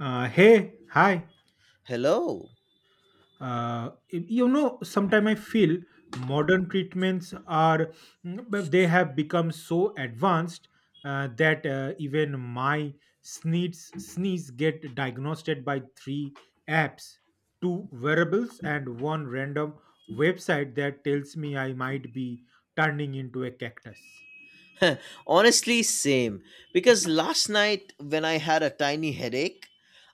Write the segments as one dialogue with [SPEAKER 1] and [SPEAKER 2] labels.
[SPEAKER 1] Hey, hi.
[SPEAKER 2] Hello.
[SPEAKER 1] You know, sometimes I feel modern treatments are they have become so advanced that even my sneeze get diagnosed by three apps, two wearables, and one random website that tells me I might be turning into a cactus.
[SPEAKER 2] Honestly, same. Because last night, when I had a tiny headache,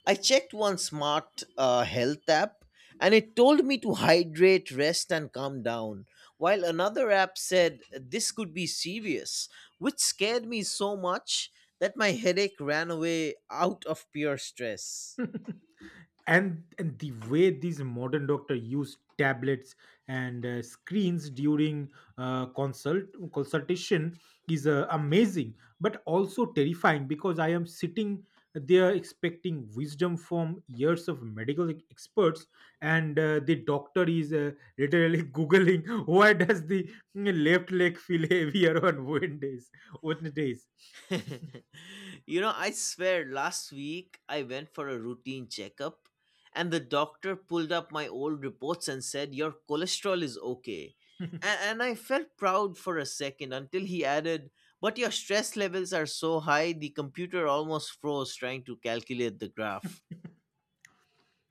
[SPEAKER 2] I checked one smart health app and it told me to hydrate, rest, and calm down. While another app said this could be serious, which scared me so much that my headache ran away out of pure stress.
[SPEAKER 1] And the way these modern doctor use tablets and screens during uh, consult consultation is amazing, but also terrifying because I am sitting there expecting wisdom from years of medical experts, and the doctor is literally googling why does the left leg feel heavier on Wednesdays.
[SPEAKER 2] I swear last week I went for a routine checkup and the doctor pulled up my old reports and said, "Your cholesterol is okay." And I felt proud for a second until he added, "But your stress levels are so high, the computer almost froze trying to calculate the graph."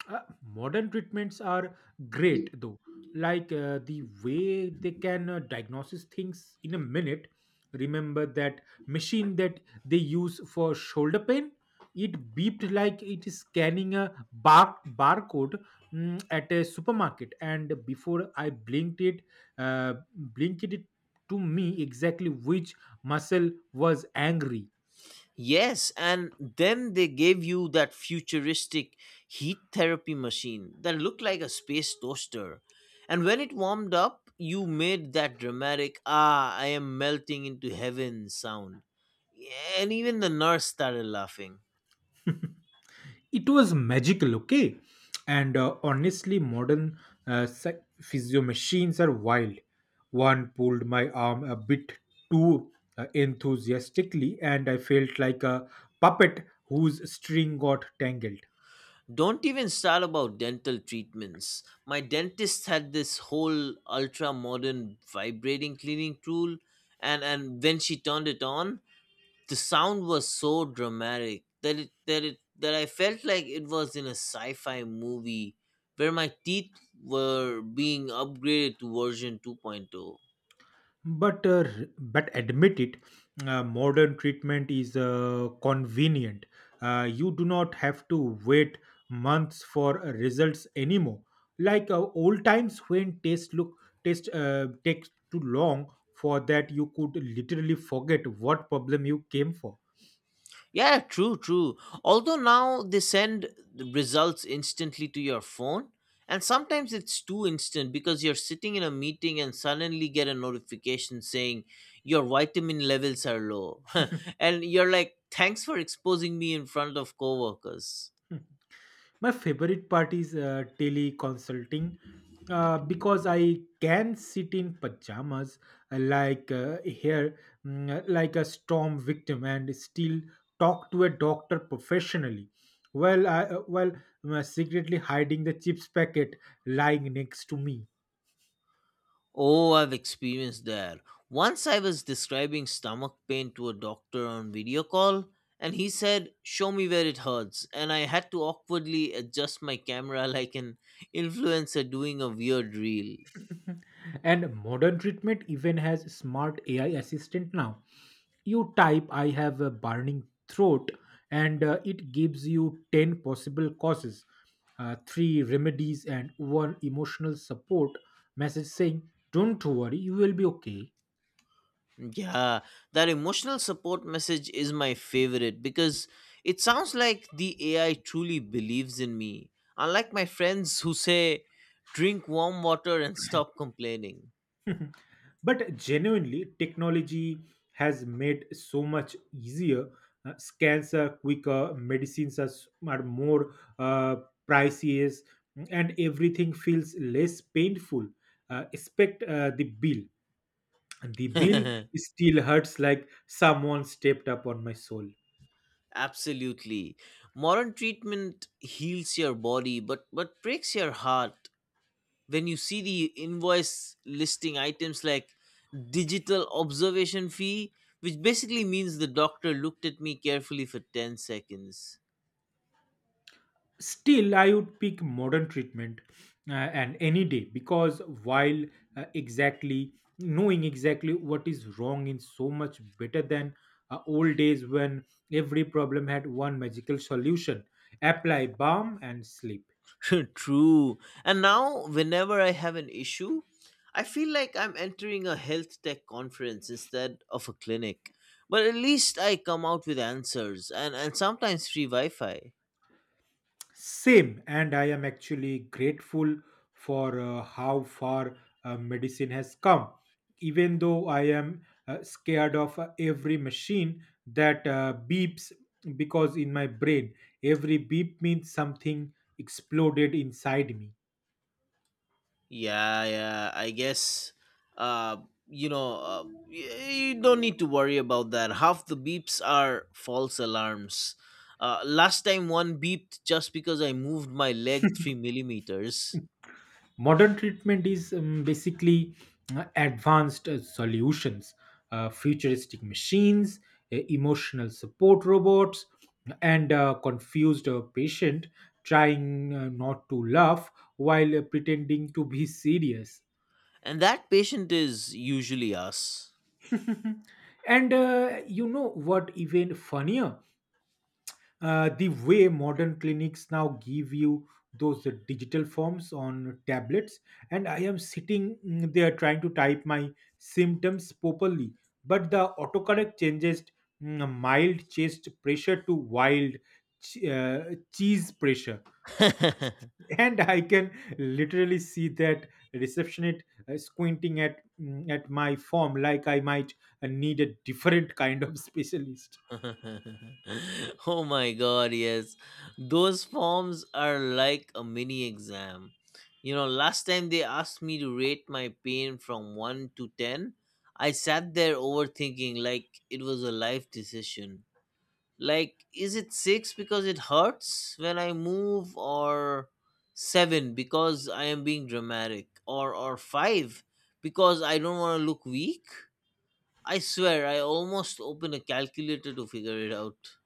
[SPEAKER 1] Uh, Modern treatments are great though, like the way they can diagnose things in a minute. Remember that machine that they use for shoulder pain? It beeped like it is scanning a barcode at a supermarket, and before I uh, blinked it to me exactly which muscle was angry.
[SPEAKER 2] Yes, and then they gave you that futuristic heat therapy machine that looked like a space toaster. And when it warmed up, you made that dramatic, "Ah, I am melting into heaven" sound. Yeah. And even the nurse started laughing.
[SPEAKER 1] It was magical, okay. And honestly modern physio machines are wild. One pulled my arm a bit too enthusiastically and I felt like a puppet whose string got tangled.
[SPEAKER 2] Don't even start about dental treatments. My dentist had this whole ultra modern vibrating cleaning tool, and when she turned it on, the sound was so dramatic that I felt like it was in a sci-fi movie where my teeth were being upgraded to version 2.0.
[SPEAKER 1] But admit it, modern treatment is convenient. You do not have to wait months for results anymore, like old times when test takes too long. For that you could literally forget what problem you came for.
[SPEAKER 2] Yeah, true, true. Although now they send the results instantly to your phone, and sometimes it's too instant because you're sitting in a meeting and suddenly get a notification saying your vitamin levels are low. And you're like, "Thanks for exposing me in front of coworkers."
[SPEAKER 1] My favorite part is teleconsulting, because I can sit in pajamas, here, like a storm victim, and still talk to a doctor professionally. Well, I, uh, well, secretly hiding the chips packet lying next to me.
[SPEAKER 2] Oh, I've experienced that. Once I was describing stomach pain to a doctor on video call, and he said, "Show me where it hurts." And I had to awkwardly adjust my camera like an influencer doing a weird reel.
[SPEAKER 1] And modern treatment even has smart AI assistant now. You type, I have a burning throat, and it gives you 10 possible causes, three remedies, and one emotional support message saying, Don't worry, you will be okay.
[SPEAKER 2] Yeah, that emotional support message is my favorite because it sounds like the AI truly believes in me, unlike my friends who say, "Drink warm water and stop complaining."
[SPEAKER 1] But genuinely technology has made so much easier. Scans are quicker, medicines are, more uh, priciest, and everything feels less painful, expect the bill. And the bill still hurts like someone stepped up on my soul.
[SPEAKER 2] Absolutely. Modern treatment heals your body but breaks your heart when you see the invoice listing items like digital observation fee, which basically means the doctor looked at me carefully for 10 seconds.
[SPEAKER 1] Still, I would pick modern treatment and any day because while exactly knowing exactly what is wrong is so much better than old days when every problem had one magical solution, apply balm and sleep.
[SPEAKER 2] True. And now whenever I have an issue, I feel like I'm entering a health tech conference instead of a clinic. But at least I come out with answers, and, sometimes free Wi-Fi.
[SPEAKER 1] Same, and I am actually grateful for how far medicine has come. Even though I am scared of every machine that beeps, because in my brain, every beep means something exploded inside me.
[SPEAKER 2] Yeah, yeah. I guess, uh, you don't need to worry about that. Half the beeps are false alarms. Last time one beeped just because I moved my leg three millimeters,
[SPEAKER 1] Modern treatment is basically advanced solutions, futuristic machines, emotional support robots, and a confused patient trying not to laugh while pretending to be serious.
[SPEAKER 2] and that patient is usually us.
[SPEAKER 1] And you know what even funnier, the way modern clinics now give you those digital forms on tablets, and I am sitting there trying to type my symptoms properly, but the autocorrect changes mild chest pressure to wild ch- uh, cheese pressure. And I can literally see that receptionist squinting at at my form like I might need a different kind of specialist.
[SPEAKER 2] Oh my god, yes. Those forms are like a mini exam. You know, last time they asked me to rate my pain from 1 to 10, I sat there overthinking like it was a life decision. Like, is it 6 because it hurts when I move, or 7 because I am being dramatic, or 5 because I don't want to look weak? I swear, I almost opened a calculator to figure it out.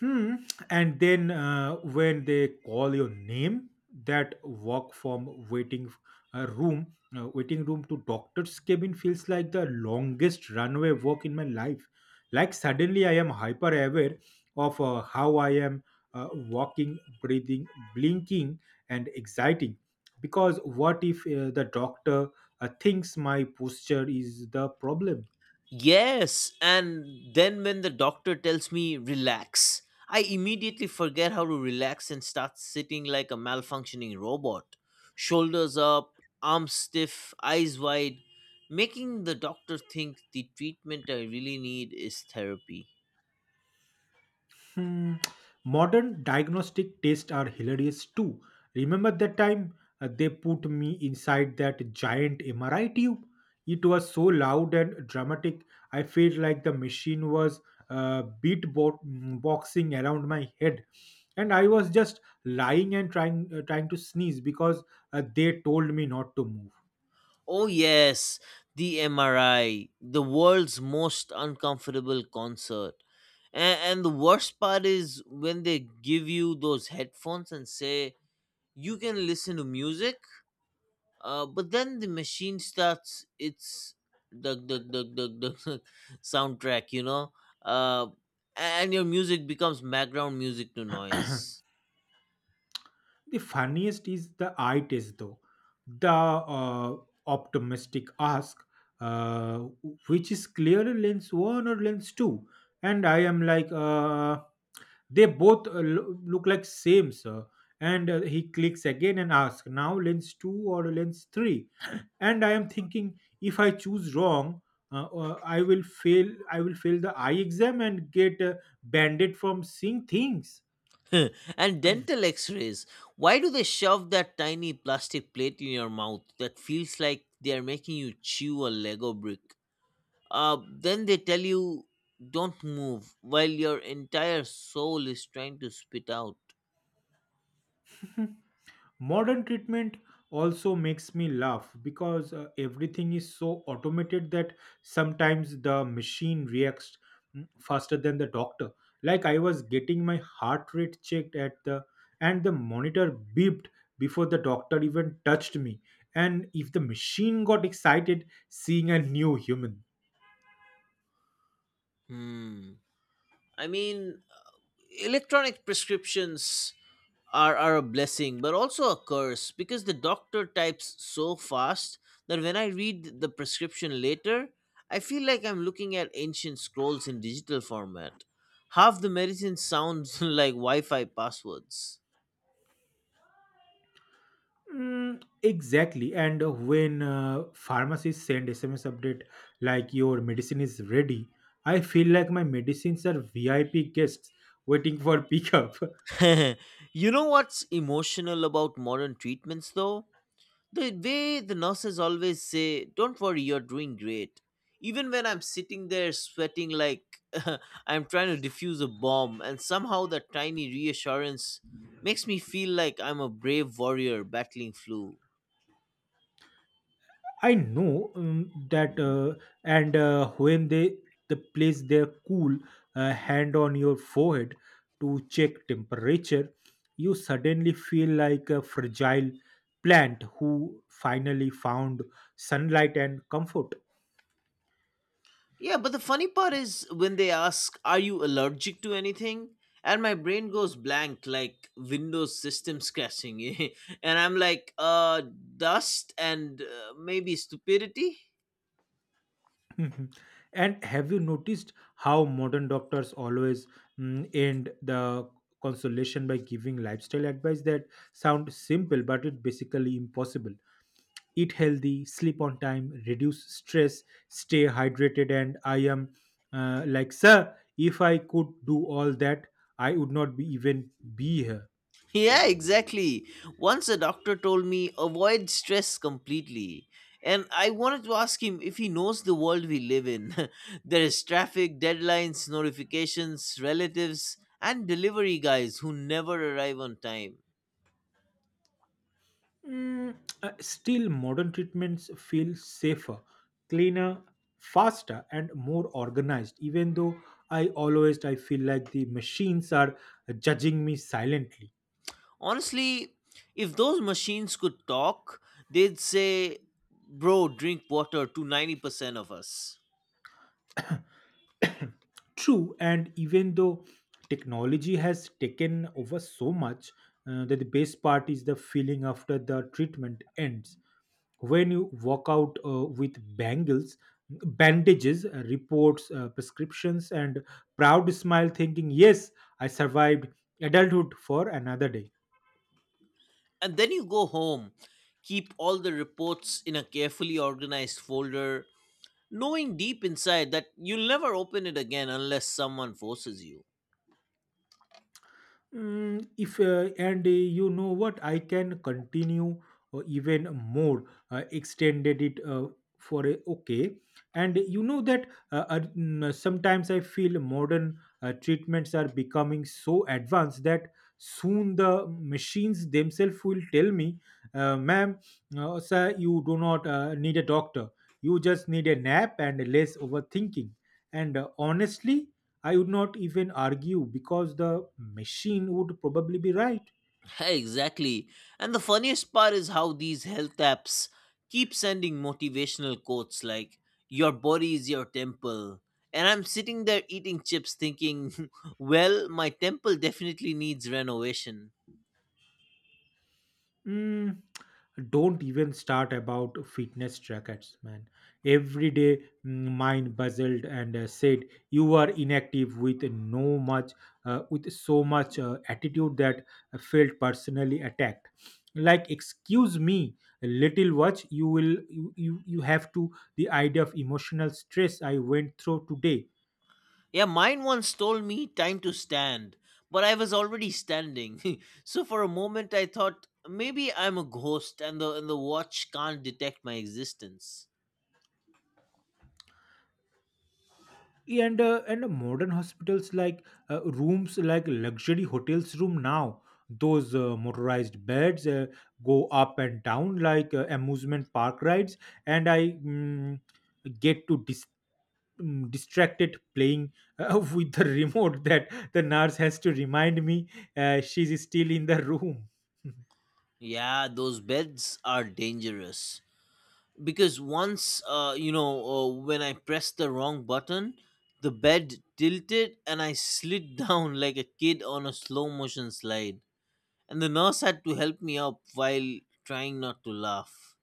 [SPEAKER 1] Hmm. And then when they call your name, that walk from uh, room, waiting room to doctor's cabin feels like the longest runway walk in my life. Like suddenly I am hyper aware of how I am walking, breathing, blinking, and exciting. Because what if the doctor thinks my posture is the problem?
[SPEAKER 2] Yes, and then when the doctor tells me relax, I immediately forget how to relax and start sitting like a malfunctioning robot. Shoulders up, arms stiff, eyes wide, making the doctor think the treatment I really need is therapy.
[SPEAKER 1] Hmm. Modern diagnostic tests are hilarious too. Remember that time they put me inside that giant MRI tube? It was so loud and dramatic. I felt like the machine was beatboxing around my head, and I was just lying and trying to sneeze because they told me not to
[SPEAKER 2] Oh, yes, the MRI, the world's most uncomfortable concert. And the worst part is when they give you those headphones and say, "You can listen to music." But then the machine starts its dug dug dug dug dug dug soundtrack, uh, and your music becomes background music to
[SPEAKER 1] move.
[SPEAKER 2] noise.
[SPEAKER 1] The funniest is the eye test, though. The optimistic ask, uh, which is clearer, lens one or lens two? And I am like, they both look like same, sir. And he clicks again and asks, now lens two or lens three? And I am thinking, if I choose wrong, I will fail. I will fail the eye exam and get banned from seeing things.
[SPEAKER 2] And dental X-rays. Why do they shove that tiny plastic plate in your mouth that feels like they are making you chew a Lego brick? Then they tell you don't move while your entire soul is trying to spit out.
[SPEAKER 1] Modern treatment also makes me laugh because everything is so automated that sometimes the machine reacts faster than the doctor. Like I was getting my heart rate checked at the and the monitor beeped before the doctor even touched me. And if the machine got excited seeing a new human.
[SPEAKER 2] Hmm. I mean, electronic prescriptions are a blessing but also a curse because the doctor types so fast that when I read the prescription later, I feel like I'm looking at ancient scrolls in digital format. Half the medicine sounds like Wi-Fi passwords.
[SPEAKER 1] Mm, exactly. And when pharmacists send SMS update like your medicine is ready, I feel like my medicines are VIP guests waiting for pickup.
[SPEAKER 2] You know what's emotional about modern treatments though? The way the nurses always say, "Don't worry, you're doing great." Even when I'm sitting there sweating like I'm trying to defuse a bomb, and somehow that tiny reassurance makes me feel like I'm a brave warrior battling flu.
[SPEAKER 1] I know, that, and when they the place their cool hand on your forehead to check temperature, you suddenly feel like a fragile plant who finally found sunlight and comfort.
[SPEAKER 2] Yeah, but the funny part is when they ask, "Are you allergic to anything?" And my brain goes blank like Windows systems crashing. And I'm like, dust and maybe stupidity?
[SPEAKER 1] Mhm. And have you noticed how modern doctors always end the consolation by giving lifestyle advice that sound simple but it basically impossible? Eat healthy, sleep on time, reduce stress, stay hydrated, and I am like, sir, if I could do all that, I would not be here.
[SPEAKER 2] Yeah, exactly. Once a doctor told me avoid stress completely. And I wanted to ask him if he knows the world we live in. There is traffic, deadlines, notifications, relatives, and delivery guys who never arrive on time.
[SPEAKER 1] Mm, Still, modern treatments feel safer, cleaner, faster, and more organized. Even though I feel like the machines are judging me silently.
[SPEAKER 2] Honestly, if those machines could talk, they'd say, "Bro, drink water" to 90% of us.
[SPEAKER 1] True, and even though technology has taken over so much, that the best part is the feeling after the treatment ends. When you walk out with bangles bandages, reports, prescriptions, and proud smile thinking yes, I survived adulthood for another day.
[SPEAKER 2] And then you go home, keep all the reports in a carefully organized folder, knowing deep inside that you'll never open it again unless someone forces you.
[SPEAKER 1] Mm, if and you know what, I can continue even more extended it for a okay. And you know that sometimes I feel modern treatments are becoming so advanced that soon the machines themselves will tell me, ma'am, sir, you do not need a doctor, you just need a nap and less overthinking. And honestly, I would not even argue because the machine would probably be right.
[SPEAKER 2] Exactly. And the funniest part is how these health apps keep sending motivational quotes like, "Your body is your temple." And I'm sitting there eating chips thinking, "Well, my temple definitely needs renovation."
[SPEAKER 1] Mm, don't even start about fitness trackers, man. Every day, mine buzzed and said, "You are inactive with no much, with so much attitude that I felt personally attacked." Like, excuse me, little watch. You will, you have to the idea of emotional stress I went through today.
[SPEAKER 2] Yeah, mine once told me time to stand, but I was already standing. So for a moment I thought maybe I'm a ghost and the watch can't detect my existence.
[SPEAKER 1] And modern hospitals like rooms like luxury hotels room now, those motorized beds go up and down like amusement park rides, and I get to distracted playing with the remote that the nurse has to remind me she's still in the room.
[SPEAKER 2] Yeah, those beds are dangerous because once when I pressed the wrong button, the bed tilted and I slid down like a kid on a slow motion slide. And the nurse had to help me up while trying not to laugh.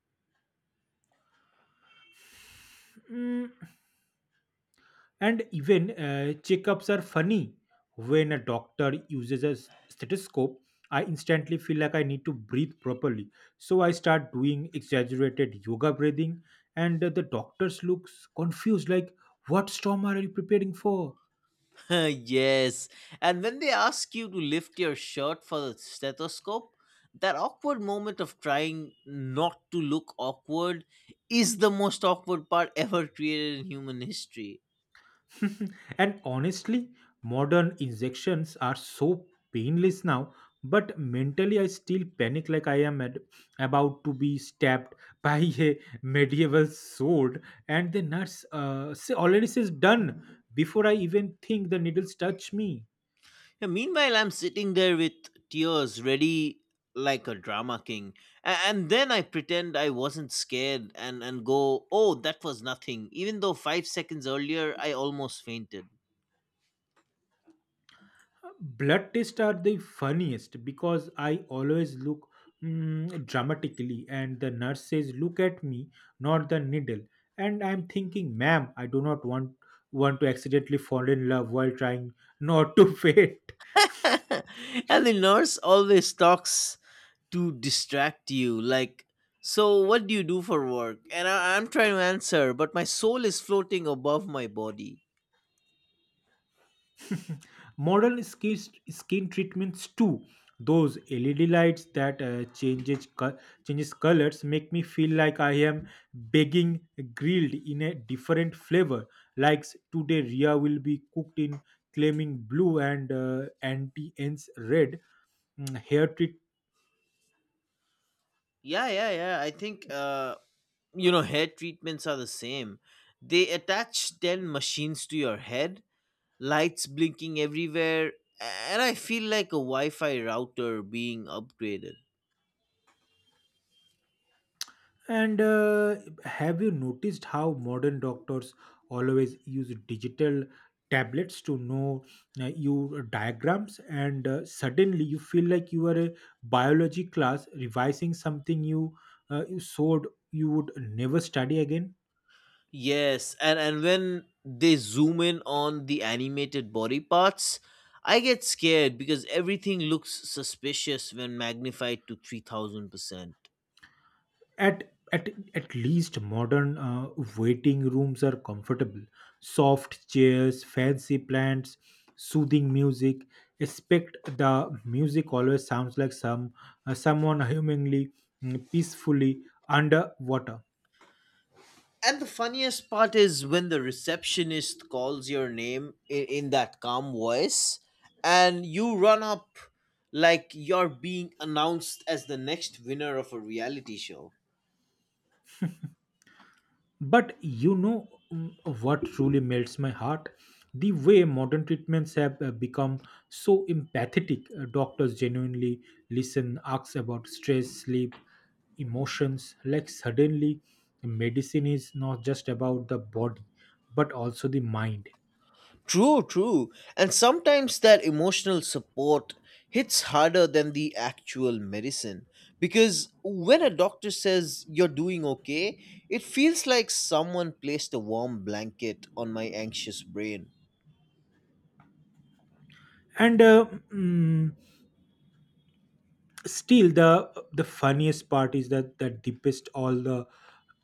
[SPEAKER 1] Mm. And even checkups are funny. When a doctor uses a stethoscope, I instantly feel like I need to breathe properly. So I start doing exaggerated yoga breathing, and the doctors looks confused like, "What storm are you preparing for?"
[SPEAKER 2] Yes. And when they ask you to lift your shirt for the stethoscope, that awkward moment of trying not to look awkward is the most awkward part ever created in human history.
[SPEAKER 1] And honestly, modern injections are so painless now, but mentally I still panic like I am about to be stabbed by a medieval sword, and the nurse already says done before I even think the needles touch me.
[SPEAKER 2] Yeah, meanwhile, I'm sitting there with tears ready like a drama king. And then I pretend I wasn't scared, and go, "Oh, that was nothing," even though 5 seconds earlier I almost fainted.
[SPEAKER 1] Blood tests are the funniest because I always look dramatically and the nurse says look at me, not the needle, and I'm thinking ma'am, I do not want to accidentally fall in love while trying not to faint.
[SPEAKER 2] And the nurse always talks to distract you, like, "So what do you do for work?" And I'm trying to answer, but my soul is floating above my body.
[SPEAKER 1] Modern skin treatments too, those LED lights that changes colors make me feel like I am begging grilled in a different flavor, like today Ria will be cooked in claiming blue and anti ends red. Mm, hair treat.
[SPEAKER 2] Yeah, yeah, yeah. I think, hair treatments are the same. They attach 10 machines to your head, lights blinking everywhere, and I feel like a Wi-Fi router being upgraded.
[SPEAKER 1] And have you noticed how modern doctors always use digital tablets to know your diagrams? And suddenly you feel like you are a biology class revising something you showed you would never study again.
[SPEAKER 2] Yes, and when they zoom in on the animated body parts, I get scared because everything looks suspicious when magnified to 3000%.
[SPEAKER 1] at at least modern waiting rooms are comfortable, soft chairs, fancy plants, soothing music, expect the music always sounds like some someone hummingly peacefully underwater.
[SPEAKER 2] And the funniest part is when the receptionist calls your name in that calm voice and you run up like you're being announced as the next winner of a reality show.
[SPEAKER 1] But you know, mm, what truly melts my heart? The way modern treatments have become so empathetic. Doctors genuinely listen, ask about stress, sleep, emotions. Like suddenly, medicine is not just about the body, but also the mind.
[SPEAKER 2] True, true. And sometimes that emotional support hits harder than the actual medicine. Because when a doctor says you're doing okay, it feels like someone placed a warm blanket on my anxious brain.
[SPEAKER 1] And uh, mm, Still the funniest part is that deepest all the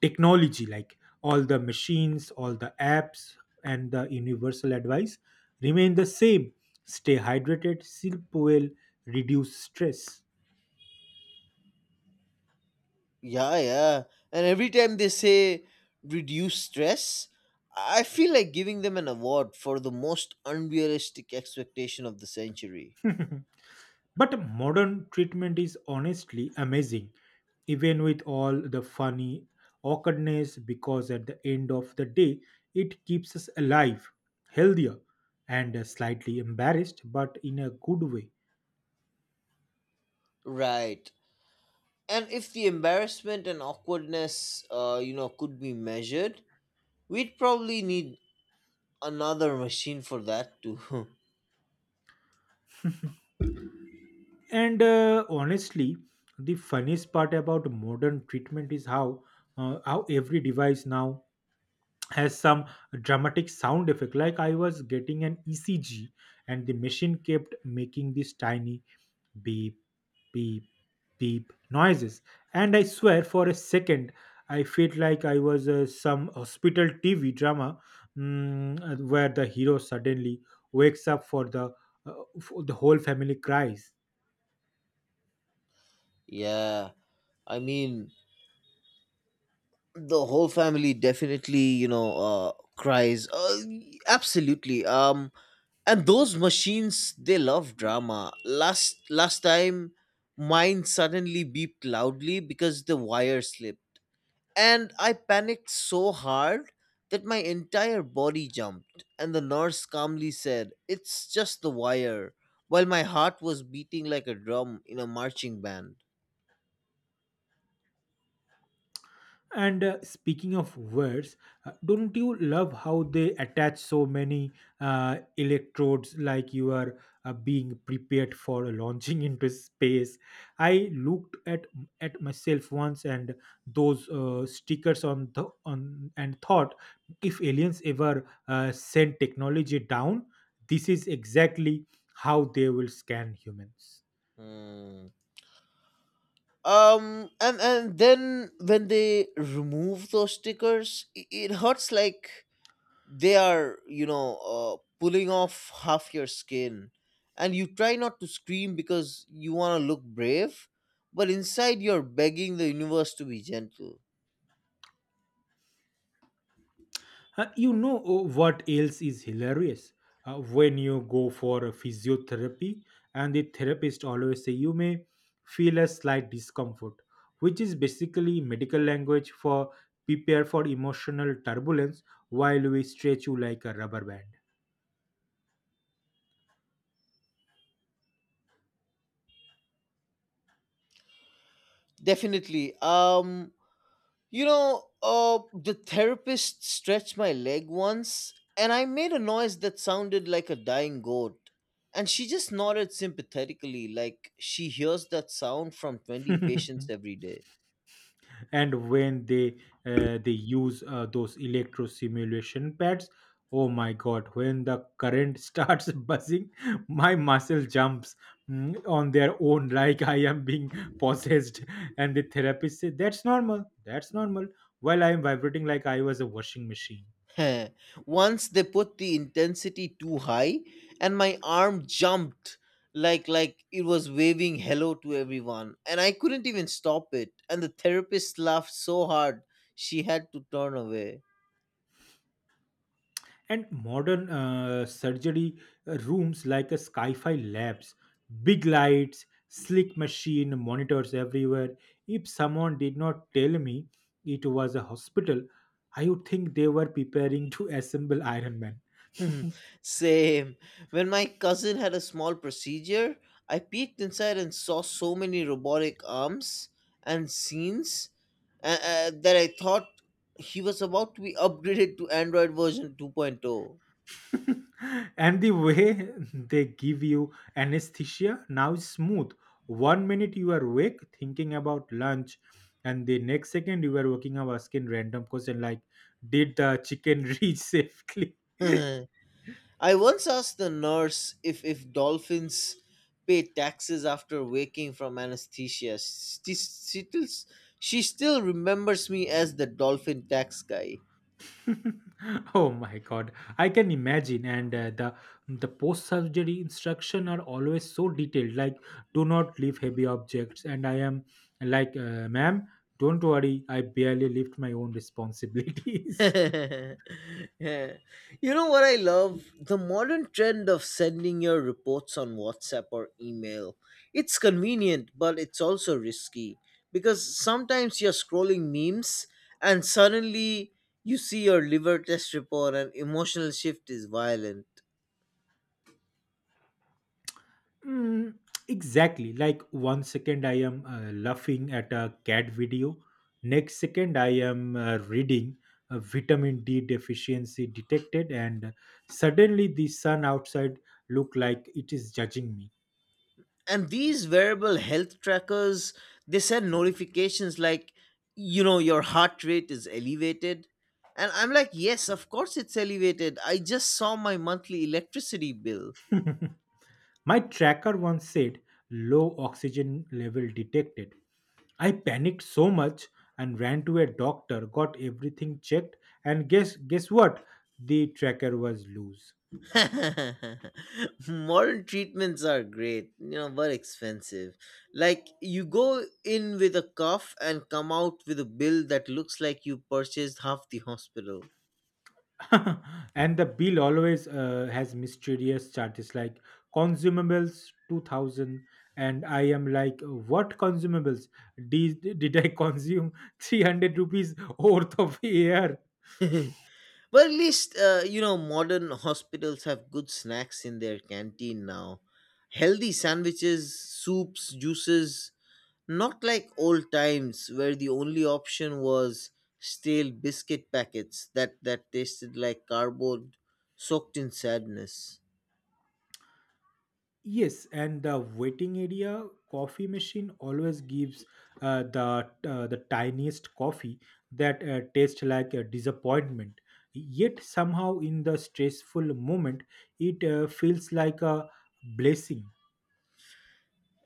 [SPEAKER 1] technology, like all the machines, all the apps, and the universal advice remain the same. Stay hydrated, sleep well, reduce stress.
[SPEAKER 2] Yeah, yeah. And every time they say reduce stress, I feel like giving them an award for the most unrealistic expectation of the century.
[SPEAKER 1] But modern treatment is honestly amazing, even with all the funny awkwardness, because at the end of the day it keeps us alive, healthier, and slightly embarrassed, but in a good way.
[SPEAKER 2] Right. And if the embarrassment and awkwardness, could be measured, we'd probably need another machine for that too.
[SPEAKER 1] And Honestly, the funniest part about modern treatment is how every device now has some dramatic sound effect. Like I was getting an ECG, and the machine kept making this tiny beep, beep, beep noises. And I swear, for a second, I felt like I was some hospital TV drama, where the hero suddenly wakes up uh, for the whole family cries.
[SPEAKER 2] Yeah. I mean, the whole family definitely cries, absolutely. And those machines, they love drama. Last time mine suddenly beeped loudly because the wire slipped, and I panicked so hard that my entire body jumped and the nurse calmly said it's just the wire, while my heart was beating like a drum in a marching band.
[SPEAKER 1] And Speaking of words, don't you love how they attach so many electrodes, like you are being prepared for launching into space? I looked at myself once and those stickers on the on and thought, if aliens ever send technology down, this is exactly how they will scan humans.
[SPEAKER 2] Hmm. And then when they remove those stickers, it hurts like they are, pulling off half your skin, and you try not to scream because you want to look brave, but inside you're begging the universe to be gentle.
[SPEAKER 1] You know, what else is hilarious? When you go for a physiotherapy and the therapist always say, you may feel a slight discomfort, which is basically medical language for, prepare for emotional turbulence while we stretch you like a rubber
[SPEAKER 2] Definitely. You know, the therapist stretched my leg once, and I made a noise that sounded like a dying goat. And she just nodded sympathetically, like she hears that sound from 20 patients
[SPEAKER 1] band.
[SPEAKER 2] every day.
[SPEAKER 1] And when they use those electro simulation pads, oh my god, when the current starts buzzing, my muscle jumps, on their own, like I am being possessed. And the therapist said, that's normal, that's normal, while I am vibrating like I was a washing machine.
[SPEAKER 2] Once they put the intensity too high, and my arm jumped like it was waving hello to everyone, and I couldn't even stop it, and the therapist laughed so hard she had to turn away.
[SPEAKER 1] And modern surgery rooms, like a sci-fi labs, big lights, slick machine, monitors everywhere. If someone did not tell me it was a hospital, I would think they were preparing to assemble Iron Man.
[SPEAKER 2] Mhm. Same. When my cousin had a small procedure, I peeked inside and saw so many robotic arms and scenes, that I thought he was about to be upgraded to Android version 2.0.
[SPEAKER 1] And the way they give you anesthesia now is smooth. One minute you are awake thinking about lunch, and the next second you are working up asking random question like, "Did the chicken reach safely?"
[SPEAKER 2] I once asked the nurse if dolphins pay taxes after waking from anesthesia. She still remembers me as the dolphin tax guy.
[SPEAKER 1] Oh my god, I can imagine. And the post surgery instruction are always so detailed, like, do not lift heavy objects. And I am like, ma'am, don't worry, I barely lift my own responsibilities.
[SPEAKER 2] Yeah. You know what I love? The modern trend of sending your reports on WhatsApp or email. It's convenient, but it's also risky because sometimes you're scrolling memes and suddenly you see your liver test report and emotional shift is violent.
[SPEAKER 1] Mm, exactly. Like one second I am laughing at a cat video, next second I am reading, vitamin D deficiency detected, and suddenly the sun outside look like it is judging me.
[SPEAKER 2] And these wearable health trackers, they send notifications like, you know, your heart rate is elevated, and I'm like, yes, of course it's elevated, I just saw my monthly electricity bill.
[SPEAKER 1] My tracker once said, low oxygen level detected. I panicked so much and ran to a doctor, got everything checked, and guess what? The tracker was loose.
[SPEAKER 2] Modern treatments are great, you know, but expensive. Like you go in with a cough and come out with a bill that looks like you purchased half the hospital.
[SPEAKER 1] And the bill always has mysterious charges like, consumables 2000. And I am like, what consumables did I consume? 300 rupees worth of air?
[SPEAKER 2] But at least, modern hospitals have good snacks in their canteen now. Healthy sandwiches, soups, juices. Not like old times where the only option was stale biscuit packets that tasted like cardboard soaked in sadness.
[SPEAKER 1] Yes, and the waiting area coffee machine always gives the tiniest coffee that tastes like a disappointment, yet somehow in the stressful moment it feels like a blessing.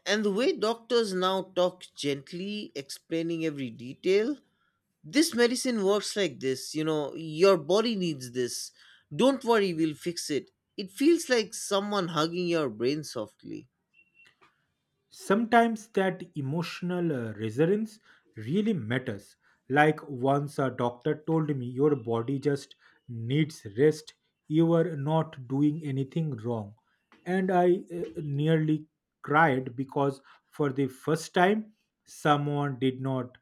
[SPEAKER 2] And the way doctors now talk gently, explaining every detail, "This medicine works like this, you know, your body needs this, don't worry, we'll fix it," it feels like someone hugging your brain softly.
[SPEAKER 1] Sometimes that emotional resonance really matters. Like once a doctor told me, your body just needs rest, you are not doing anything wrong. And I nearly cried because for the first time someone did not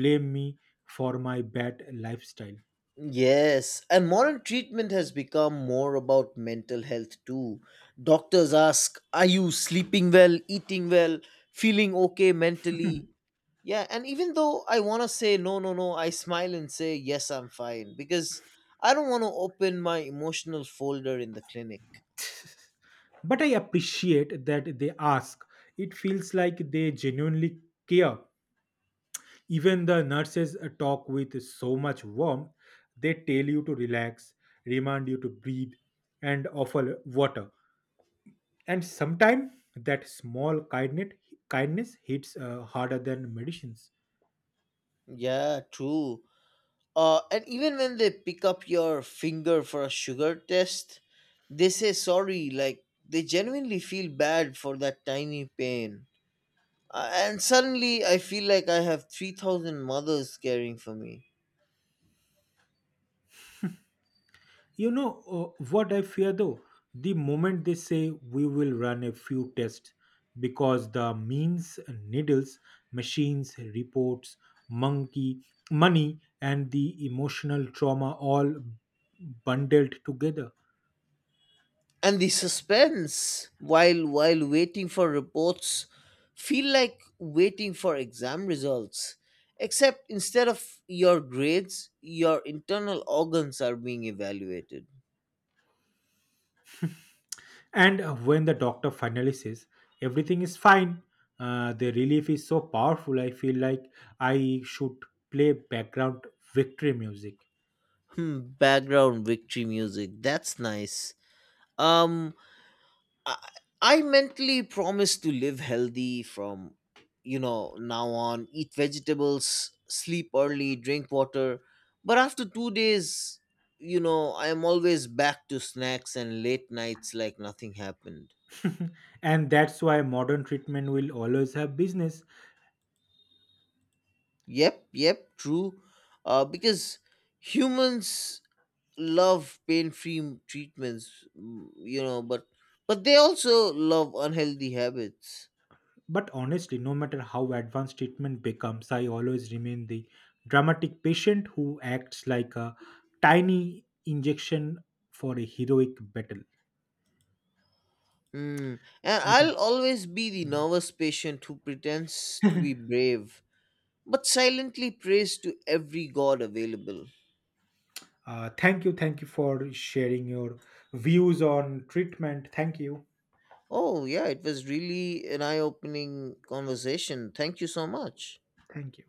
[SPEAKER 1] blame me for my bad lifestyle.
[SPEAKER 2] Yes, and modern treatment has become more about mental health too. Doctors ask, "Are you sleeping well, eating well, feeling okay mentally?" Yeah, and even though I want to say no, no, no, I smile and say, "Yes, I'm fine," because I don't want to open my emotional folder in the clinic.
[SPEAKER 1] But I appreciate that they ask. It feels like they genuinely care. Even the nurses talk with so much warmth, they tell you to relax, remind you to breathe, and offer water. And sometimes that small kindness hits harder than medicines.
[SPEAKER 2] Yeah, true. And even when they pick up your finger for a sugar test, they say sorry, like they genuinely feel bad for that tiny pain. And suddenly I feel like I have 3,000 mothers caring for me.
[SPEAKER 1] You know, what I fear though? The moment they say, we will run a few tests, because the means, needles, machines, reports, monkey, money, and the emotional trauma all bundled together.
[SPEAKER 2] And the suspense while waiting for reports feel like waiting for exam results. Except instead of your grades, your internal organs are being evaluated.
[SPEAKER 1] And When the doctor finally says everything is fine, the relief is so powerful. I feel like I should play background victory music.
[SPEAKER 2] Hmm, background victory music. That's nice. Um, I, I mentally promise to live healthy from, now on. Eat vegetables, sleep early, drink water. But after 2 days, I am always back to snacks and late nights like nothing happened.
[SPEAKER 1] And that's why modern treatment will always have business.
[SPEAKER 2] Yep, yep, true. Because humans love pain-free treatments, but they also love unhealthy habits.
[SPEAKER 1] But honestly, no matter how advanced treatment becomes, I always remain the dramatic patient who acts like a tiny injection for a heroic battle.
[SPEAKER 2] Mm. And
[SPEAKER 1] I think.
[SPEAKER 2] I'll always be the
[SPEAKER 1] Mm.
[SPEAKER 2] nervous patient who pretends to be brave, but silently prays to every god available.
[SPEAKER 1] Thank you. Thank you for sharing your views on treatment. Thank you.
[SPEAKER 2] Oh yeah, it was really an eye-opening conversation. Thank you so much.
[SPEAKER 1] Thank you.